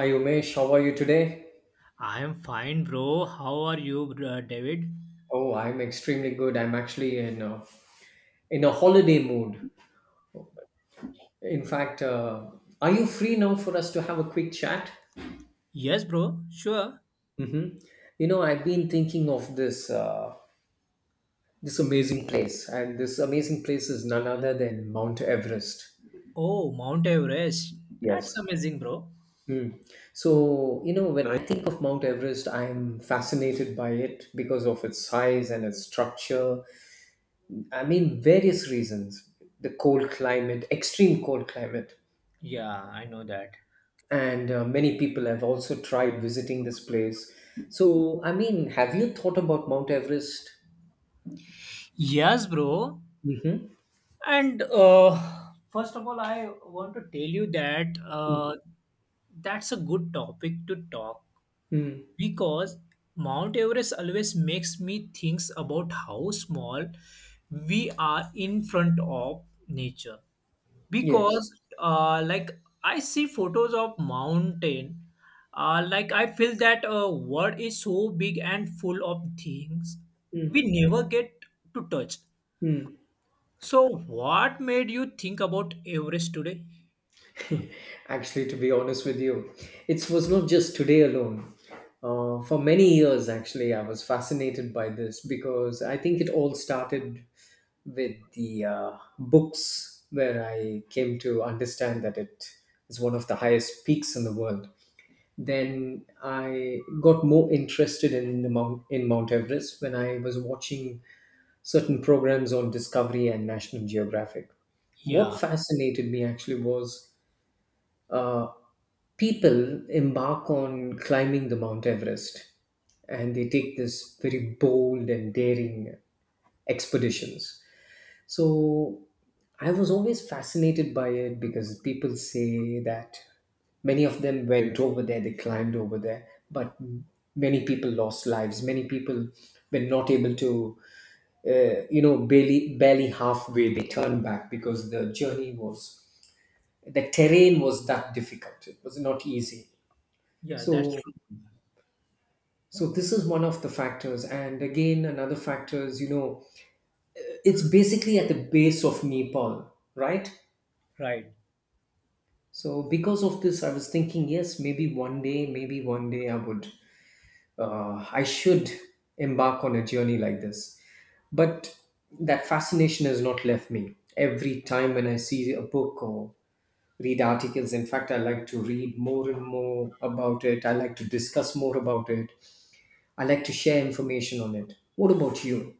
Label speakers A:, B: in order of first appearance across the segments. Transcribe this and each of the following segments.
A: Hi Umesh, how are you today?
B: I am fine, bro. How are you, David?
A: Oh, I'm extremely good. I'm actually in a holiday mood. In fact, are you free now for us to have a quick chat?
B: Yes, bro. Sure.
A: Mm-hmm. You know, I've been thinking of this amazing place, and this amazing place is none other than Mount Everest.
B: Oh, Mount Everest. That's
A: Yes.
B: amazing, bro.
A: Mm. So, you know, when I think of Mount Everest, I'm fascinated by it because of its size and its structure. I mean, various reasons: the cold climate, extreme cold climate,
B: Yeah, I know that.
A: and many people have also tried visiting this place. So, I mean, have you thought about Mount Everest?
B: Yes, bro.
A: Mm-hmm.
B: And first of all, I want to tell you that that's a good topic to talk
A: Mm-hmm.
B: because Mount Everest always makes me think about how small we are in front of nature because
A: Yes.
B: like I see photos of mountain, like I feel that world is so big and full of things we never get to touch.
A: Mm-hmm.
B: So what made you think about Everest today?
A: Actually, to be honest with you, it was not just today alone. For many years, actually, I was fascinated by this because I think it all started with the books where I came to understand that it is one of the highest peaks in the world. Then I got more interested in Mount Everest when I was watching certain programs on Discovery and National Geographic.
B: Yeah,
A: What fascinated me actually was uh, people embark on climbing the Mount Everest, and they take this very bold and daring expeditions. So I was always fascinated by it because people say that many of them went over there, they climbed over there, but many people lost lives. Many people were not able to, barely halfway they turned back because the terrain was that difficult. It was not easy.
B: yeah, that's
A: So
B: true.
A: so this is one of the factors, and again another factor is it's basically at the base of Nepal, right?
B: Right
A: So because of this, I was thinking, yes, maybe one day I would, I should embark on a journey like this. But that fascination has not left me. Every time when I see a book or read articles, in fact, I like to read more and more about it. I like to discuss more about it. I like to share information on it. What about you?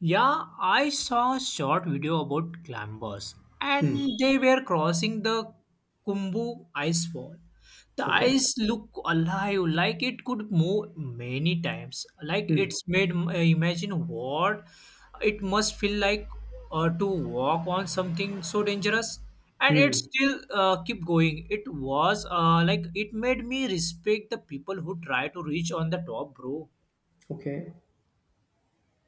B: Yeah, I saw a short video about climbers
A: Hmm.
B: and they were crossing the Kumbu ice wall. The
A: Okay.
B: ice looked alive, like it could move many times. Like it's made imagine what it must feel like to walk on something so dangerous. And it
A: Hmm.
B: still keep going. It was like it made me respect the people who try to reach on the top, bro.
A: Okay.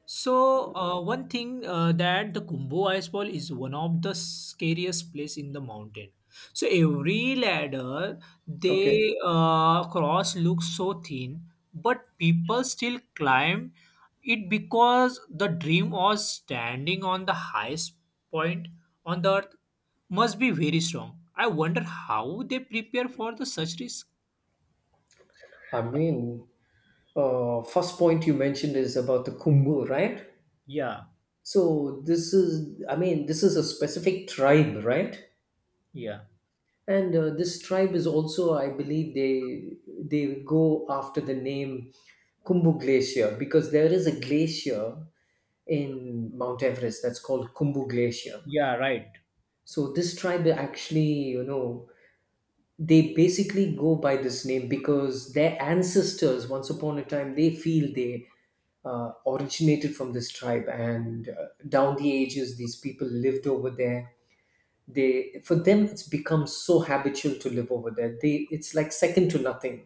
B: So one thing that the Kumbu Icefall is one of the scariest place in the mountain. So every ladder
A: Okay.
B: they cross looks so thin, but people still climb it because the dream of standing on the highest point on the earth must be very strong. I wonder how they prepare for the such risk.
A: I mean, first point you mentioned is about the Kumbh, right?
B: Yeah,
A: So this is, I mean, this is a specific tribe, right?
B: yeah,
A: And this tribe is also, I believe, they go after the name Kumbu Glacier because there is a glacier in Mount Everest that's called Kumbu Glacier.
B: yeah, right.
A: So this tribe actually, you know, they basically go by this name because their ancestors, once upon a time, they feel they originated from this tribe, and down the ages, these people lived over there. They, for them, it's become so habitual to live over there, they, it's like second to nothing.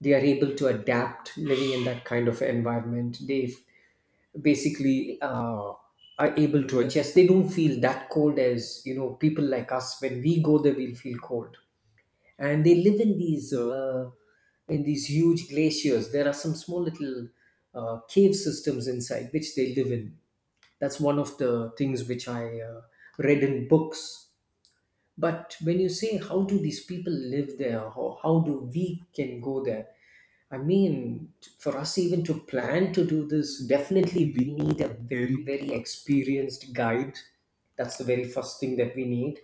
A: They are able to adapt living in that kind of environment. They basically are able to adjust. They don't feel that cold as, you know, people like us when we go there we'll feel cold. And they live in these huge glaciers. There are some small little cave systems inside which they live in. That's one of the things which I read in books. But when you say how do these people live there, how, do we can go there? I mean, for us even to plan to do this, definitely we need a very, very experienced guide. That's the very first thing that we need.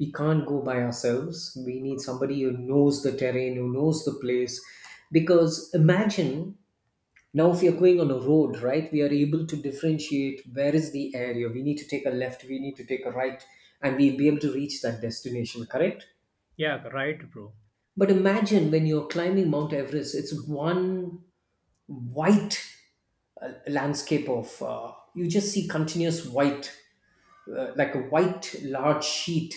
A: We can't go by ourselves. We need somebody who knows the terrain, who knows the place. Because imagine now, if you're going on a road, right, we are able to differentiate where is the area. We need to take a left, we need to take a right, and we'll be able to reach that destination, correct?
B: Yeah, right, bro.
A: But imagine when you're climbing Mount Everest, it's one white landscape of, you just see continuous white, like a white large sheet.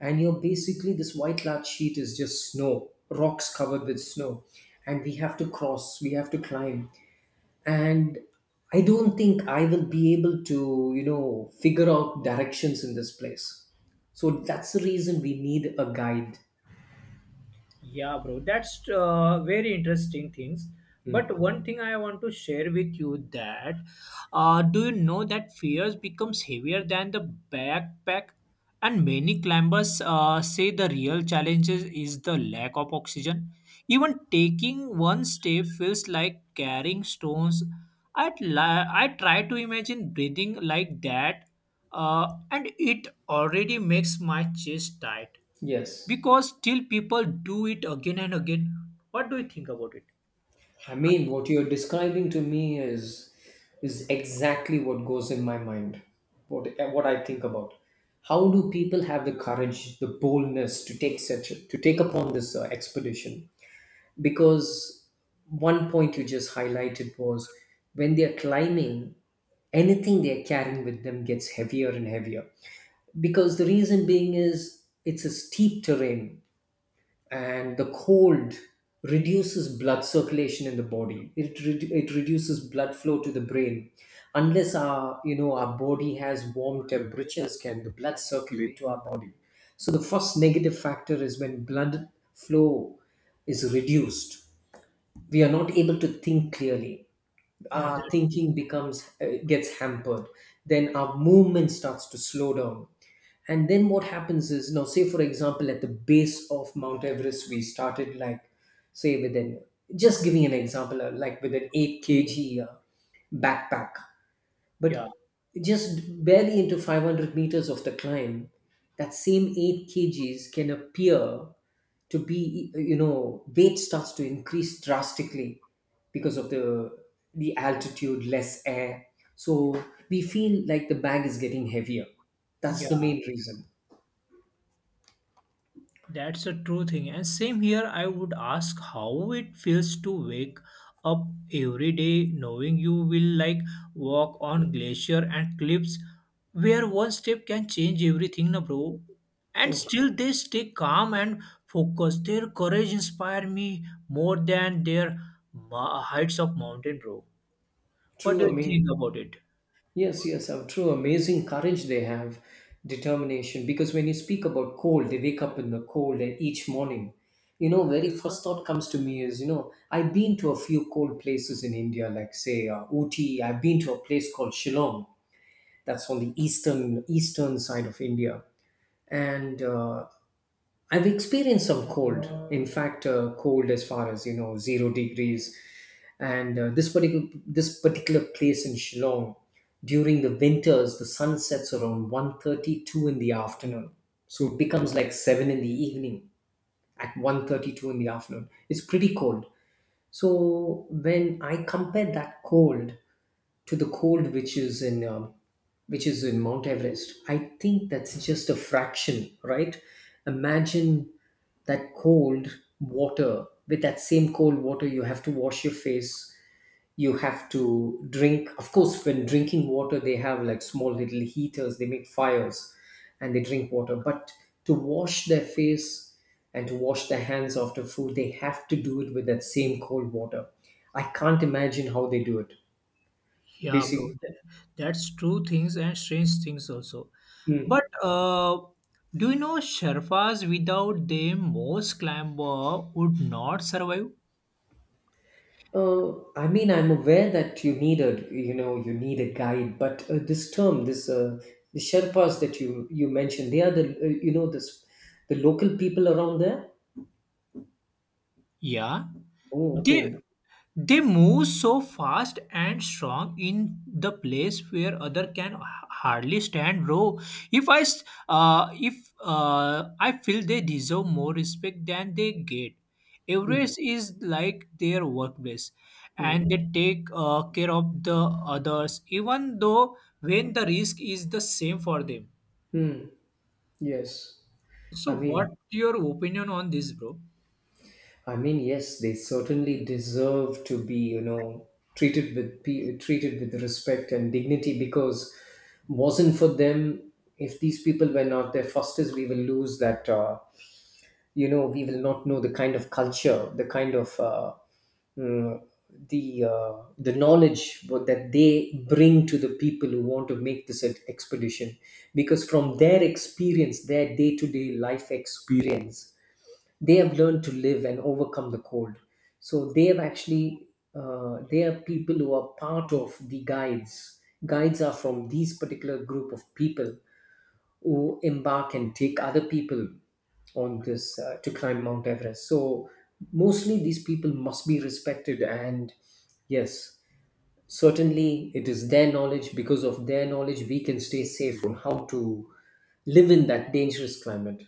A: And you're basically, this white large sheet is just snow, rocks covered with snow. And we have to cross, we have to climb, and I don't think I will be able to figure out directions in this place, so that's the reason we need a guide.
B: Yeah, bro, that's very interesting things. But
A: Mm.
B: one thing I want to share with you that do you know that fears becomes heavier than the backpack, and many climbers say the real challenges is the lack of oxygen. Even taking one step feels like carrying stones. I try to imagine breathing like that, and it already makes my chest tight
A: Yes.
B: because still people do it again and again. What do you think about it?
A: I mean, what you're describing to me is exactly what goes in my mind. What what I think about: how do people have the courage, the boldness to take upon this expedition, because one point you just highlighted was when they are climbing, anything they're carrying with them gets heavier and heavier. Because the reason being is it's a steep terrain, and the cold reduces blood circulation in the body. It reduces blood flow to the brain. Unless our body has warm temperatures, can the blood circulate to our body? So the first negative factor is when blood flow is reduced. We are not able to think clearly.
B: Yeah,
A: Our
B: that's true.
A: thinking becomes gets hampered. Then our movement starts to slow down, and then what happens is now, say, for example, at the base of Mount Everest, we started like, say, with an, just giving an example, like with an 8 kg, backpack. But
B: Yeah,
A: just barely into 500 meters of the climb, that same 8 kgs can appear to be, you know, weight starts to increase drastically because of the altitude, less air. So we feel like the bag is getting heavier. That's the
B: yeah,
A: main reason.
B: that's a true thing. And same here, I would ask how it feels to wake up every day knowing you will like walk on glacier and cliffs where one step can change everything, na bro. And
A: Oh,
B: still they stay calm and focused. Their courage inspire me more than their heights of mountain, bro. What
A: true.
B: do
A: I
B: you
A: mean,
B: think about it?
A: yes, yes, how true. Amazing courage they have, determination. Because when you speak about cold, they wake up in the cold and each morning, you know, very first thought comes to me is, you know, I've been to a few cold places in India, like say Ooty. I've been to a place called Shillong. That's on the eastern side of India, and I've experienced some cold. In fact, cold as far as, you know, 0 degrees. And this particular place in Shillong, during the winters, the sun sets around 1:32 in the afternoon. So it becomes like seven in the evening at 1:32 in the afternoon. It's pretty cold. So when I compare that cold to the cold which is in Mount Everest, I think that's just a fraction, right? Imagine that cold water, with that same cold water you have to wash your face, you have to drink. Of course, when drinking water they have like small little heaters, they make fires and they drink water. But to wash their face and to wash their hands after food, they have to do it with that same cold water. I can't imagine how they do it,
B: Yeah, bro,
A: basically.
B: that's true things and strange things also. But do you know Sherpas without them, most climber would not survive?
A: I mean, I'm aware that you need a guide, but this term, this the Sherpas that you mentioned, they are the, you know, this the local people around there.
B: Yeah,
A: Oh,
B: they
A: okay.
B: They move so fast and strong in the place where other can hardly stand row. If I s- if I feel they deserve more respect than they get.
A: Hmm.
B: Everest is like their workplace,
A: Hmm.
B: and they take care of the others, even though when the risk is the same for them.
A: Hmm. Yes. I
B: So, what
A: mean,
B: your opinion on this, bro?
A: yes, they certainly deserve to be, you know, treated with respect and dignity because wasn't for them, if these people were not there, Fosters, we will lose that. You know we will not know the kind of culture, the kind of mm, the knowledge that they bring to the people who want to make this expedition, because from their experience, their day-to-day life experience they have learned to live and overcome the cold. So they have actually, they are people who are part of the guides. Guides are from these particular group of people who embark and take other people on this to climb Mount Everest. So mostly these people must be respected, and yes, certainly it is their knowledge. Because of their knowledge we can stay safe on how to live in that dangerous climate.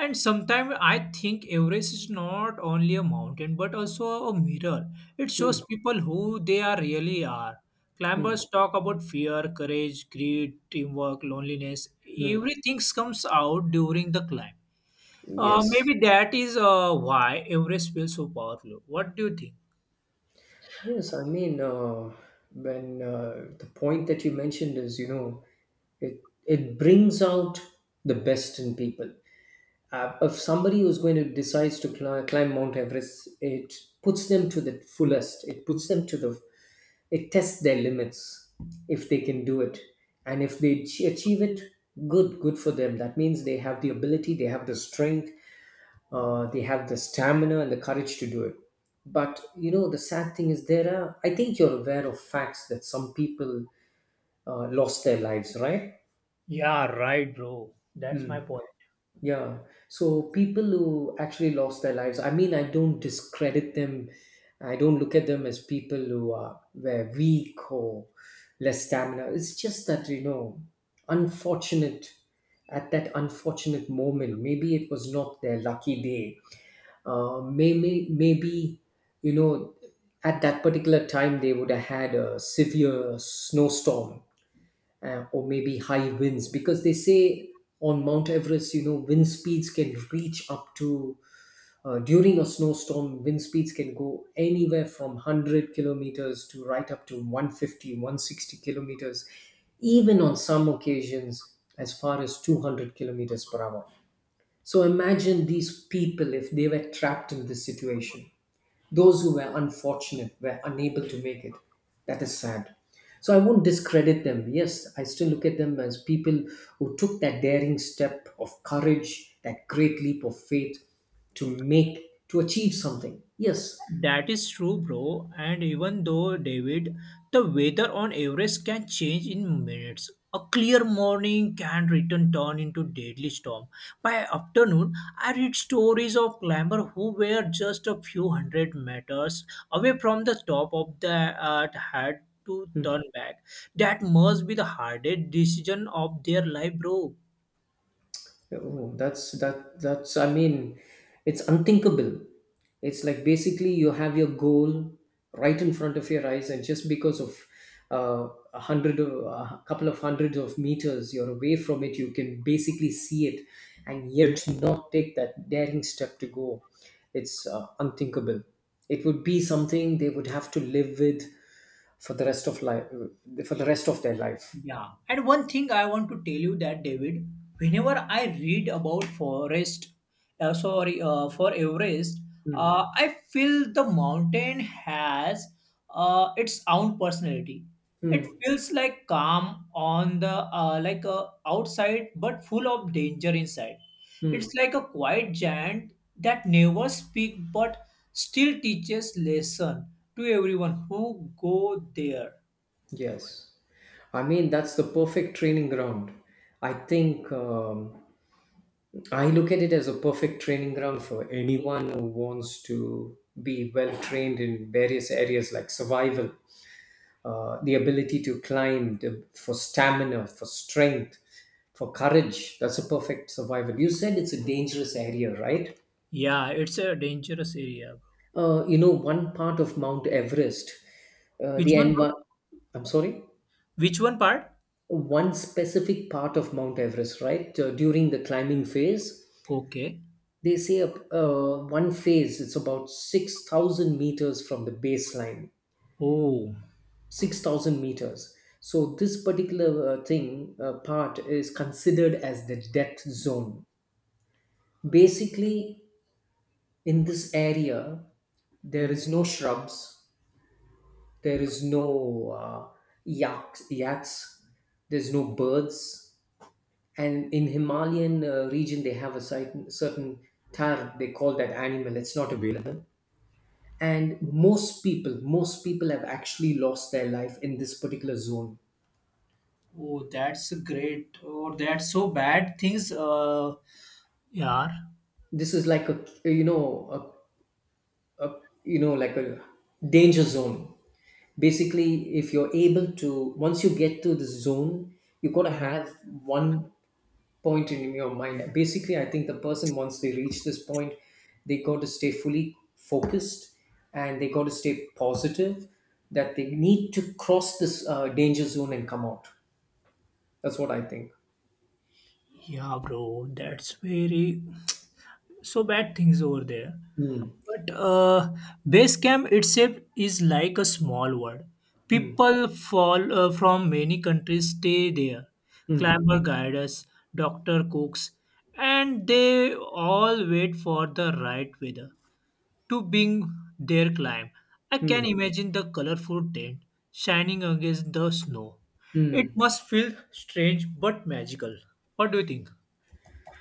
B: And sometimes I think Everest is not only a mountain but also a mirror. It
A: Hmm,
B: shows people who they are really are.
A: hmm,
B: Climbers talk about fear, courage, greed, teamwork, loneliness.
A: hmm.
B: Everything comes out during the climb.
A: Yes.
B: Maybe that is why Everest feels so powerful. What do you think?
A: Yes, I mean, when the point that you mentioned is, you know, it brings out the best in people. If somebody who's going to decides to climb Mount Everest, it puts them to the fullest. It puts them to the, It tests their limits, if they can do it, and if they achieve it, good, good for them. That means they have the ability, they have the strength, they have the stamina and the courage to do it. But you know, the sad thing is there are. I think you're aware of facts that some people lost their lives, right?
B: Yeah, right, bro. That's
A: Hmm.
B: my point.
A: Yeah. So people who actually lost their lives, I mean, I don't discredit them. I don't look at them as people who are were weak or less stamina. It's just that, you know, unfortunate at that unfortunate moment. Maybe it was not their lucky day. Maybe, you know, at that particular time they would have had a severe snowstorm, or maybe high winds because they say on Mount Everest, wind speeds can reach up to, during a snowstorm, wind speeds can go anywhere from 100 kilometers to right up to 150, 160 kilometers, even on some occasions as far as 200 kilometers per hour. So imagine these people, if they were trapped in this situation, those who were unfortunate were unable to make it. That is sad. So I won't discredit them. Yes, I still look at them as people who took that daring step of courage, that great leap of faith, to make to achieve something. Yes.
B: That is true, bro. And even though, David, the weather on Everest can change in minutes. A clear morning can return turn into deadly storm. By afternoon, I read stories of climbers who were just a few hundred meters away from the top of the uh, had to
A: Hmm.
B: turn back. That must be the hardest decision of their life, bro.
A: Oh, that's I mean, it's unthinkable. It's like, basically, you have your goal right in front of your eyes, and just because of, uh, a hundred or a couple of hundreds of meters you're away from it, you can basically see it, and yet not take that daring step to go. It's, unthinkable. It would be something they would have to live with for the rest of life, for the rest of their life.
B: Yeah, and one thing I want to tell you that David, whenever I read about forest, sorry, for Everest,
A: Mm.
B: I feel the mountain has its own personality. It
A: Mm.
B: feels like calm on the outside, but full of danger inside. It's
A: Mm.
B: like a quiet giant that never speak but still teaches lesson to everyone who go there.
A: Yes. I mean, that's the perfect training ground. I think, I look at it as a perfect training ground for anyone who wants to be well trained in various areas like survival, the ability to climb, for stamina, for strength, for courage. That's a perfect survival. You said it's a dangerous area, right?
B: Yeah, it's a dangerous area, bro.
A: One part of Mount Everest, uh, the
B: Which one, bro?
A: envi- I'm sorry?
B: Which one part?
A: One specific part of Mount Everest, right? During the climbing phase,
B: Okay.
A: they say, one phase, it's about 6,000 meters from the baseline.
B: Oh.
A: 6,000 meters. So this particular, thing part is considered as the death zone. Basically, in this area, there is no shrubs, there is no, uh, yachts, there's no birds, and in Himalayan, region, they have a certain tar, they call that animal, it's not available. And most people have actually lost their life in this particular zone.
B: Oh, that's great. Or that's so bad things. Yeah.
A: This is like, you know a, a danger zone. Basically, if you're able to, once you get to this zone, you got to have one point in your mind. Basically, I think the person, once they reach this point, they got to stay fully focused and they got to stay positive, that they need to cross this, danger zone and come out. That's what I think.
B: Yeah, bro. That's very so bad things over there.
A: Mm.
B: But base camp itself is like a small world.
A: Mm.
B: People fall from many countries stay there.
A: Mm.
B: Climber guides, doctor cooks, and they all wait for the right weather to being their climb. I can
A: Mm.
B: imagine the colorful tent shining against the snow. It
A: Mm.
B: must feel strange but magical. What do you think?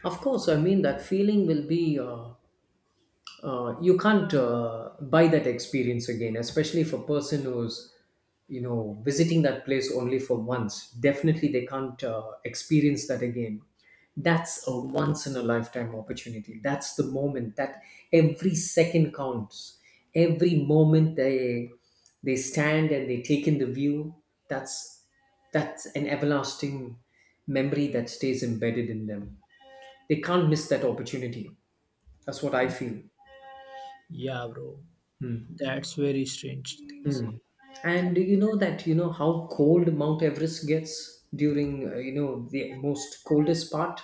A: Of course. I mean, that feeling will be. You can't, buy that experience again, especially if a person who's, visiting that place only for once, definitely they can't, experience that again. That's a once in a lifetime opportunity. That's the moment that every second counts, every moment they stand and they take in the view. That's, an everlasting memory that stays embedded in them. They can't miss that opportunity. That's what I feel.
B: Yeah, bro. That's very strange things.
A: Mm. And you know that, how cold Mount Everest gets during, the most coldest part.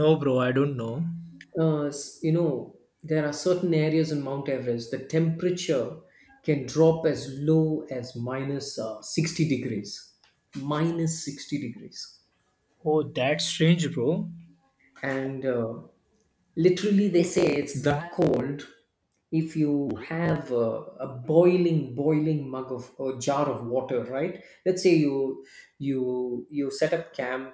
B: No, bro, I don't know.
A: S- you know there are certain areas in Mount Everest the temperature can drop as low as minus, 60 degrees, minus 60 degrees,
B: Oh, that's strange, bro.
A: and, literally, they say it's that cold. If you have a, boiling mug of or jar of water, right, let's say you set up camp,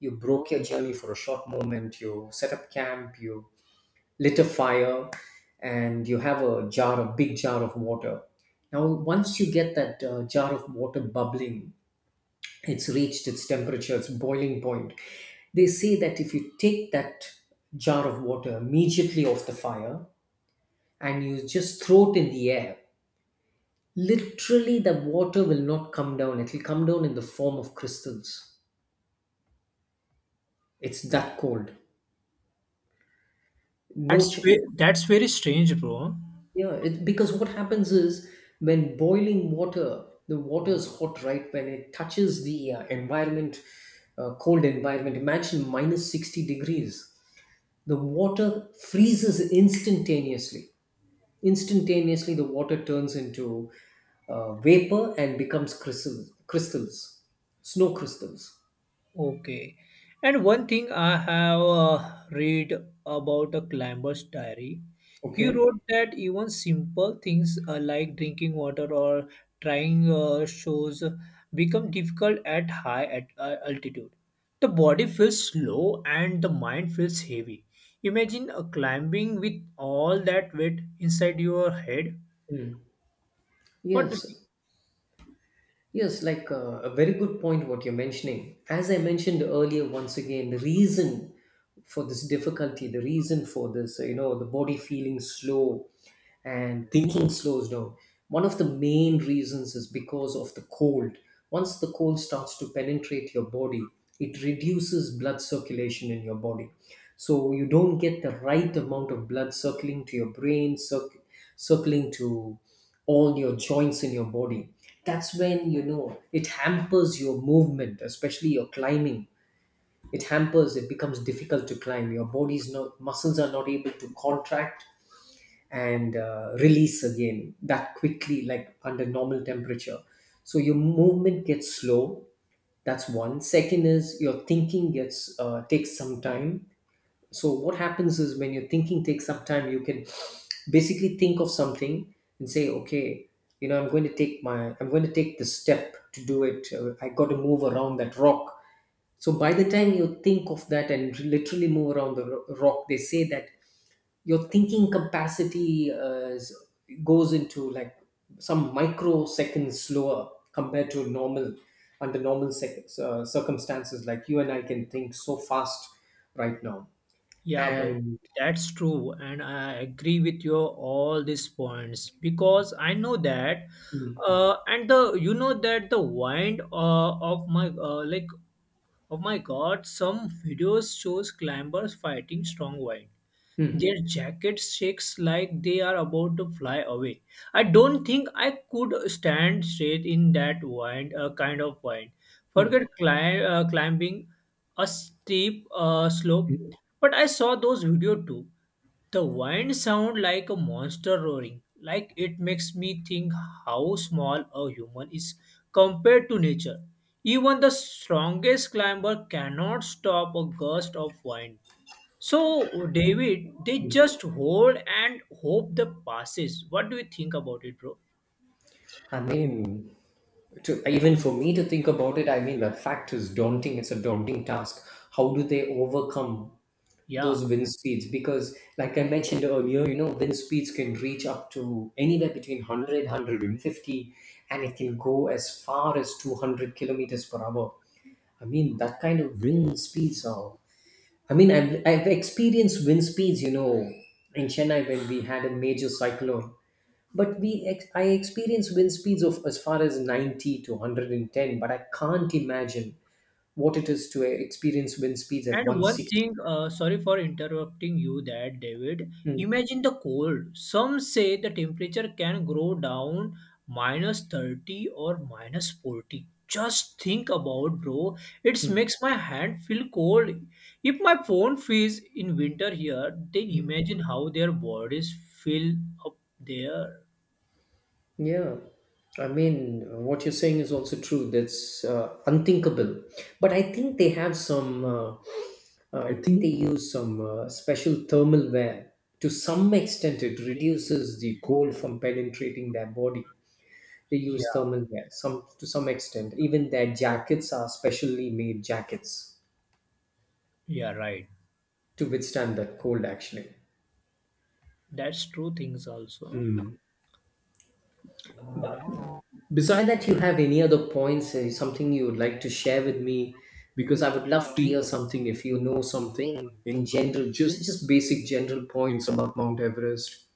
A: you broke your journey for a short moment, you set up camp, you lit a fire, and you have a jar a big jar of water. Now, once you get that, jar of water bubbling, it's reached its temperature, its boiling point. They say that if you take that jar of water immediately off the fire and you just throw it in the air, literally the water will not come down. It will come down in the form of crystals. It's that cold. No,
B: That's
A: ch-
B: ve- that's very strange, bro.
A: Yeah, because what happens is, when boiling water, the water is hot, right? When it touches the, environment, cold environment, imagine minus 60 degrees, the water freezes instantaneously. Instantaneously, the water turns into, vapor and becomes crystals, snow crystals.
B: Okay. And one thing I have read about a climber's diary, he
A: Okay.
B: wrote that even simple things like drinking water or trying shows become difficult at high at altitude. The body feels slow and the mind feels heavy. Imagine climbing with all that weight inside your head.
A: Mm.
B: What do you?
A: Yes. Yes, like, a very good point, what you're mentioning. As I mentioned earlier, once again, the reason for this difficulty, the reason for this, the body feeling slow and thinking slows down, one of the main reasons is because of the cold. Once the cold starts to penetrate your body, it reduces blood circulation in your body, so you don't get the right amount of blood circling to your brain, circling to all your joints in your body. That's when, it hampers your movement, especially your climbing. It hampers, it becomes difficult to climb. Your body's not, muscles are not able to contract and, release again that quickly, like under normal temperature. So your movement gets slow. That's one. Second is your thinking, gets takes some time. So what happens is, when your thinking takes some time, you can basically think of something and say, okay, I'm going to take the step to do it. I got to move around that rock. So by the time you think of that and literally move around the rock, they say that your thinking capacity, goes into, like, some microseconds slower compared to normal, under normal, circumstances, like you and I can think so fast right now.
B: Yeah, bro,
A: And
B: that's true, and I agree with your all these points because I know that,
A: Mm.
B: and the, you know, that the wind, of my God, some videos shows climbers fighting strong wind.
A: Mm.
B: Their jacket shakes like they are about to fly away. I don't think I could stand straight in that wind, kind of wind. Forget
A: Mm.
B: climbing a steep slope,
A: Mm.
B: but I saw those video too. The wind sound like a monster roaring. Like it makes me think how small a human is compared to nature. Even the strongest climber cannot stop a gust of wind. So, David, they just hold and hope the passes. What do you think about it, bro?
A: I mean, to, even for me to think about it, I mean, the fact is daunting. It's a daunting task. How do they overcome
B: Yeah.
A: those wind speeds? Because, like I mentioned earlier, wind speeds can reach up to anywhere between 100, and it can go as far as 200 kilometers per hour. I mean, that kind of wind speeds are. I mean, I've experienced wind speeds, in Chennai, when we had a major cyclone, but I experience wind speeds of as far as 90 to 110, but I can't imagine what it is to experience wind speeds at
B: And one
A: 160.
B: thing, sorry for interrupting you that, David.
A: Mm.
B: Imagine the cold. Some say the temperature can go down minus 30 or minus 40. Just think about, bro. It
A: Mm.
B: makes my hand feel cold. If my phone freeze in winter here, then imagine how their bodies feel up there.
A: Yeah, I mean, what you're saying is also true. That's, unthinkable. But I think they have some, I think they use some, special thermal wear. To some extent, it reduces the cold from penetrating their body. They use
B: Yeah,
A: thermal wear some to some extent. Even their jackets are specially made jackets
B: yeah, right.
A: to withstand that cold, actually.
B: That's true things also.
A: Beside that, you have any other points, something you would like to share with me? Because I would love to hear something, if you know something in general, just basic general points about Mount Everest.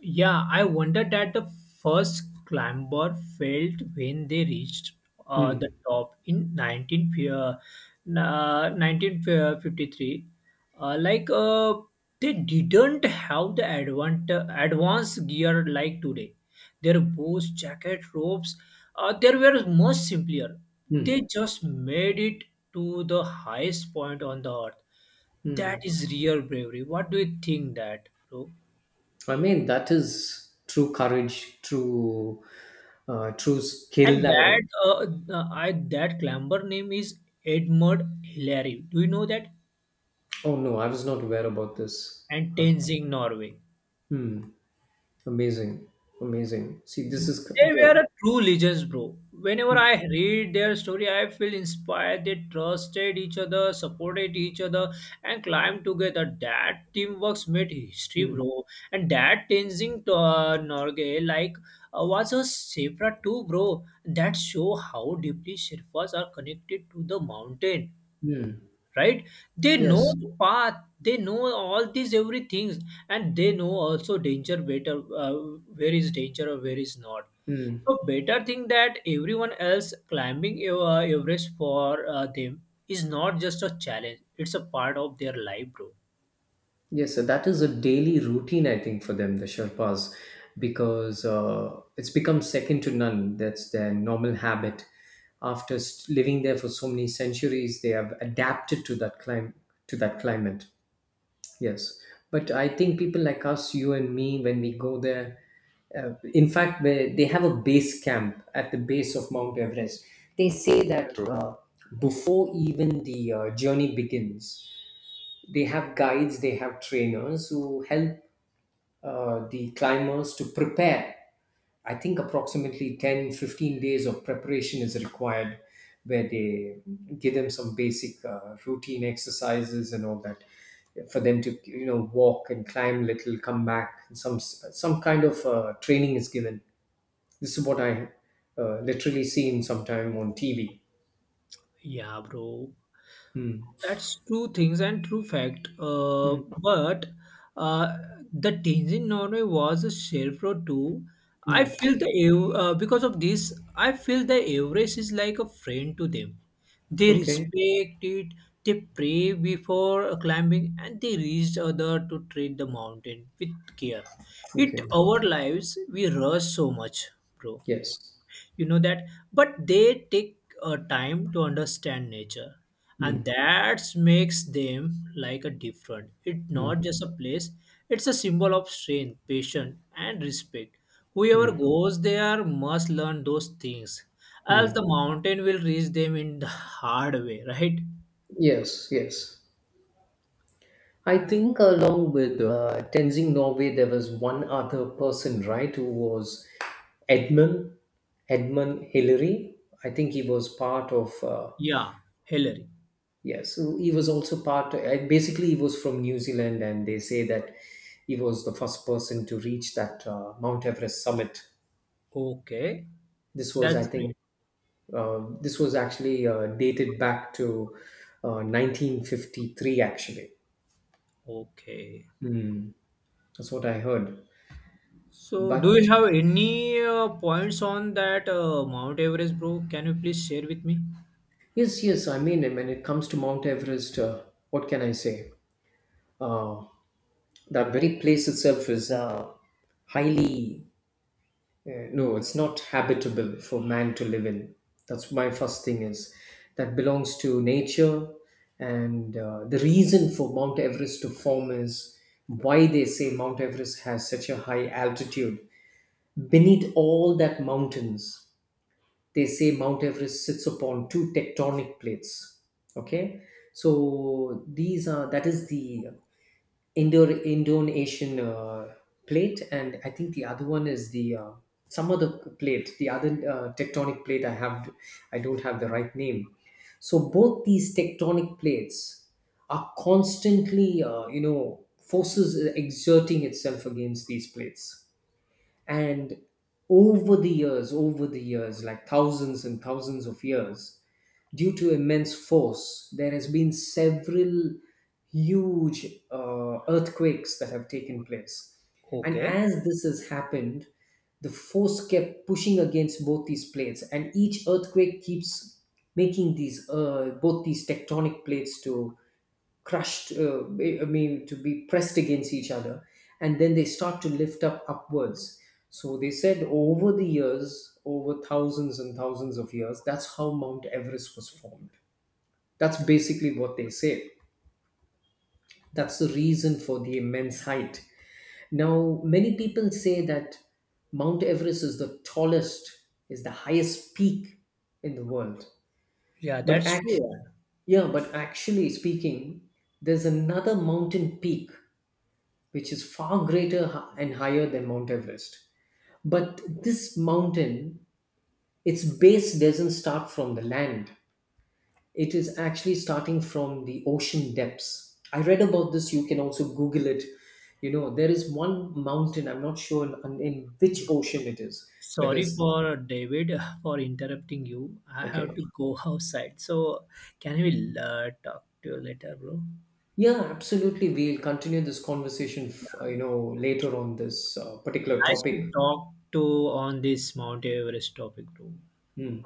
B: Yeah, I wonder that the first climber failed when they reached the
A: Hmm.
B: top in 1953. Like they didn't have the advanced gear like today. Their bows, jacket, ropes, they were much simpler. They
A: Hmm.
B: just made it to the highest point on the earth. That
A: Hmm.
B: is real bravery. What do you think that, bro?
A: I mean, that is true courage, true, true skill.
B: And
A: Oh.
B: that I that climber name is Edmund Hillary. Do you know that?
A: Oh, no, I was not aware about this.
B: And
A: Huh.
B: Tenzing, Norway.
A: Hmm. Amazing, amazing. See, this is
B: They were
A: the
B: a true legends, bro. Whenever I read their story, I feel inspired. They trusted each other, supported each other, and climbed together. That teamwork made history,
A: Mm.
B: bro. And that Tenzing Norgay, like, was a Sherpa too, bro. That show how deeply Sherpas are connected to the mountain,
A: Mm.
B: right? They know
A: Yes.
B: the path. They know all these every things, and they know also danger better. Where is danger or where is not,
A: Mm.
B: so better thing that everyone else climbing Everest for them is not just a challenge; it's a part of their life, bro.
A: Yes. So that is a daily routine, I think, for them, the Sherpas, because, it's become second to none. That's their normal habit. After living there for so many centuries, they have adapted to that to that climate. Yes, but I think people like us, you and me, when we go there, in fact, they have a base camp at the base of Mount Everest. They say that, before even the, journey begins, they have guides, they have trainers who help, the climbers to prepare. I think approximately 10, 15 days of preparation is required, where they give them some basic, routine exercises and all that, for them to, walk and climb, little come back, some kind of, training is given. This is what I, literally seen sometime on TV.
B: Yeah, bro.
A: Hmm.
B: That's true things and true fact.
A: Hmm.
B: But uh, the Tenzin Norway was a shelf road too. I
A: Hmm.
B: feel the Ev- because of this, I feel the Everest is like a friend to them. They
A: Okay.
B: respect it. They pray before climbing, and they reach other to treat the mountain with care. It
A: Okay.
B: our lives we rush so much, bro,
A: Yes.
B: you know that, but they take time to understand nature,
A: Hmm.
B: and that makes them like a different. It's
A: Hmm.
B: not just a place, it's a symbol of strength patience and respect. Whoever
A: Hmm.
B: goes there must learn those things,
A: Hmm.
B: else the mountain will reach them in the hard way, right?
A: Yes, yes. I think, along with, Tenzing Norway, there was one other person, right, who was Edmund, Edmund Hillary. I think he was part of,
B: Yeah, Hillary.
A: yes, so he was also part, basically, he was from New Zealand, and they say that he was the first person to reach that, Mount Everest summit.
B: Okay.
A: This was, I
B: That's great.
A: think, this was actually, dated back to, 1953, actually.
B: Okay.
A: Hmm, that's what I heard.
B: So, do
A: But
B: you have any points on that Mount Everest, bro? Can you please share with me?
A: Yes, yes. I mean, when it comes to Mount Everest, what can I say? Uh, that very place itself is, highly, no, it's not habitable for man to live in. That's my first thing is that belongs to nature. And, the reason for Mount Everest to form is, why they say Mount Everest has such a high altitude. Beneath all that mountains, they say Mount Everest sits upon two tectonic plates. Okay, so these are, that is, the Indo-Asian, plate, and I think the other one is the, some other plate, the other, tectonic plate. I don't have the right name. So both these tectonic plates are constantly, forces exerting itself against these plates, and over the years, like thousands and thousands of years, due to immense force, there has been several huge, earthquakes that have taken place. And
B: Okay.
A: as this has happened, the force kept pushing against both these plates, and each earthquake keeps making these both these tectonic plates to crushed, I mean, to be pressed against each other, and then they start to lift up upwards. So they said, over the years over thousands and thousands of years, that's how Mount Everest was formed. That's basically what they say. That's the reason for the immense height. Now, many people say that Mount Everest is the tallest is the highest peak in the world,
B: Yeah,
A: but
B: that's
A: act-
B: true.
A: yeah, but actually speaking, there's another mountain peak which is far greater, and higher than Mount Everest. But this mountain, its base doesn't start from the land, it is actually starting from the ocean depths. I read about this, you can also Google it. You know, there is one mountain, I'm not sure in which ocean it is, whether
B: Sorry
A: it's
B: for David for interrupting you. I have
A: Okay.
B: to go outside. So, can we talk to you later, bro?
A: Yeah, absolutely. We'll continue this conversation, later on this, particular
B: Nice to
A: topic.
B: talk to on this Mount Everest topic, bro.
A: Mm,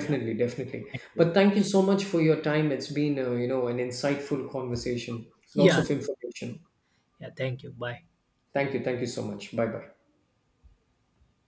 B: Yeah.
A: definitely.
B: Thank you.
A: But thank you so much for your time. It's been, an insightful conversation. Lots
B: Yeah.
A: of information.
B: Yeah. Thank you. Bye.
A: Thank you. Thank you so much. Bye bye.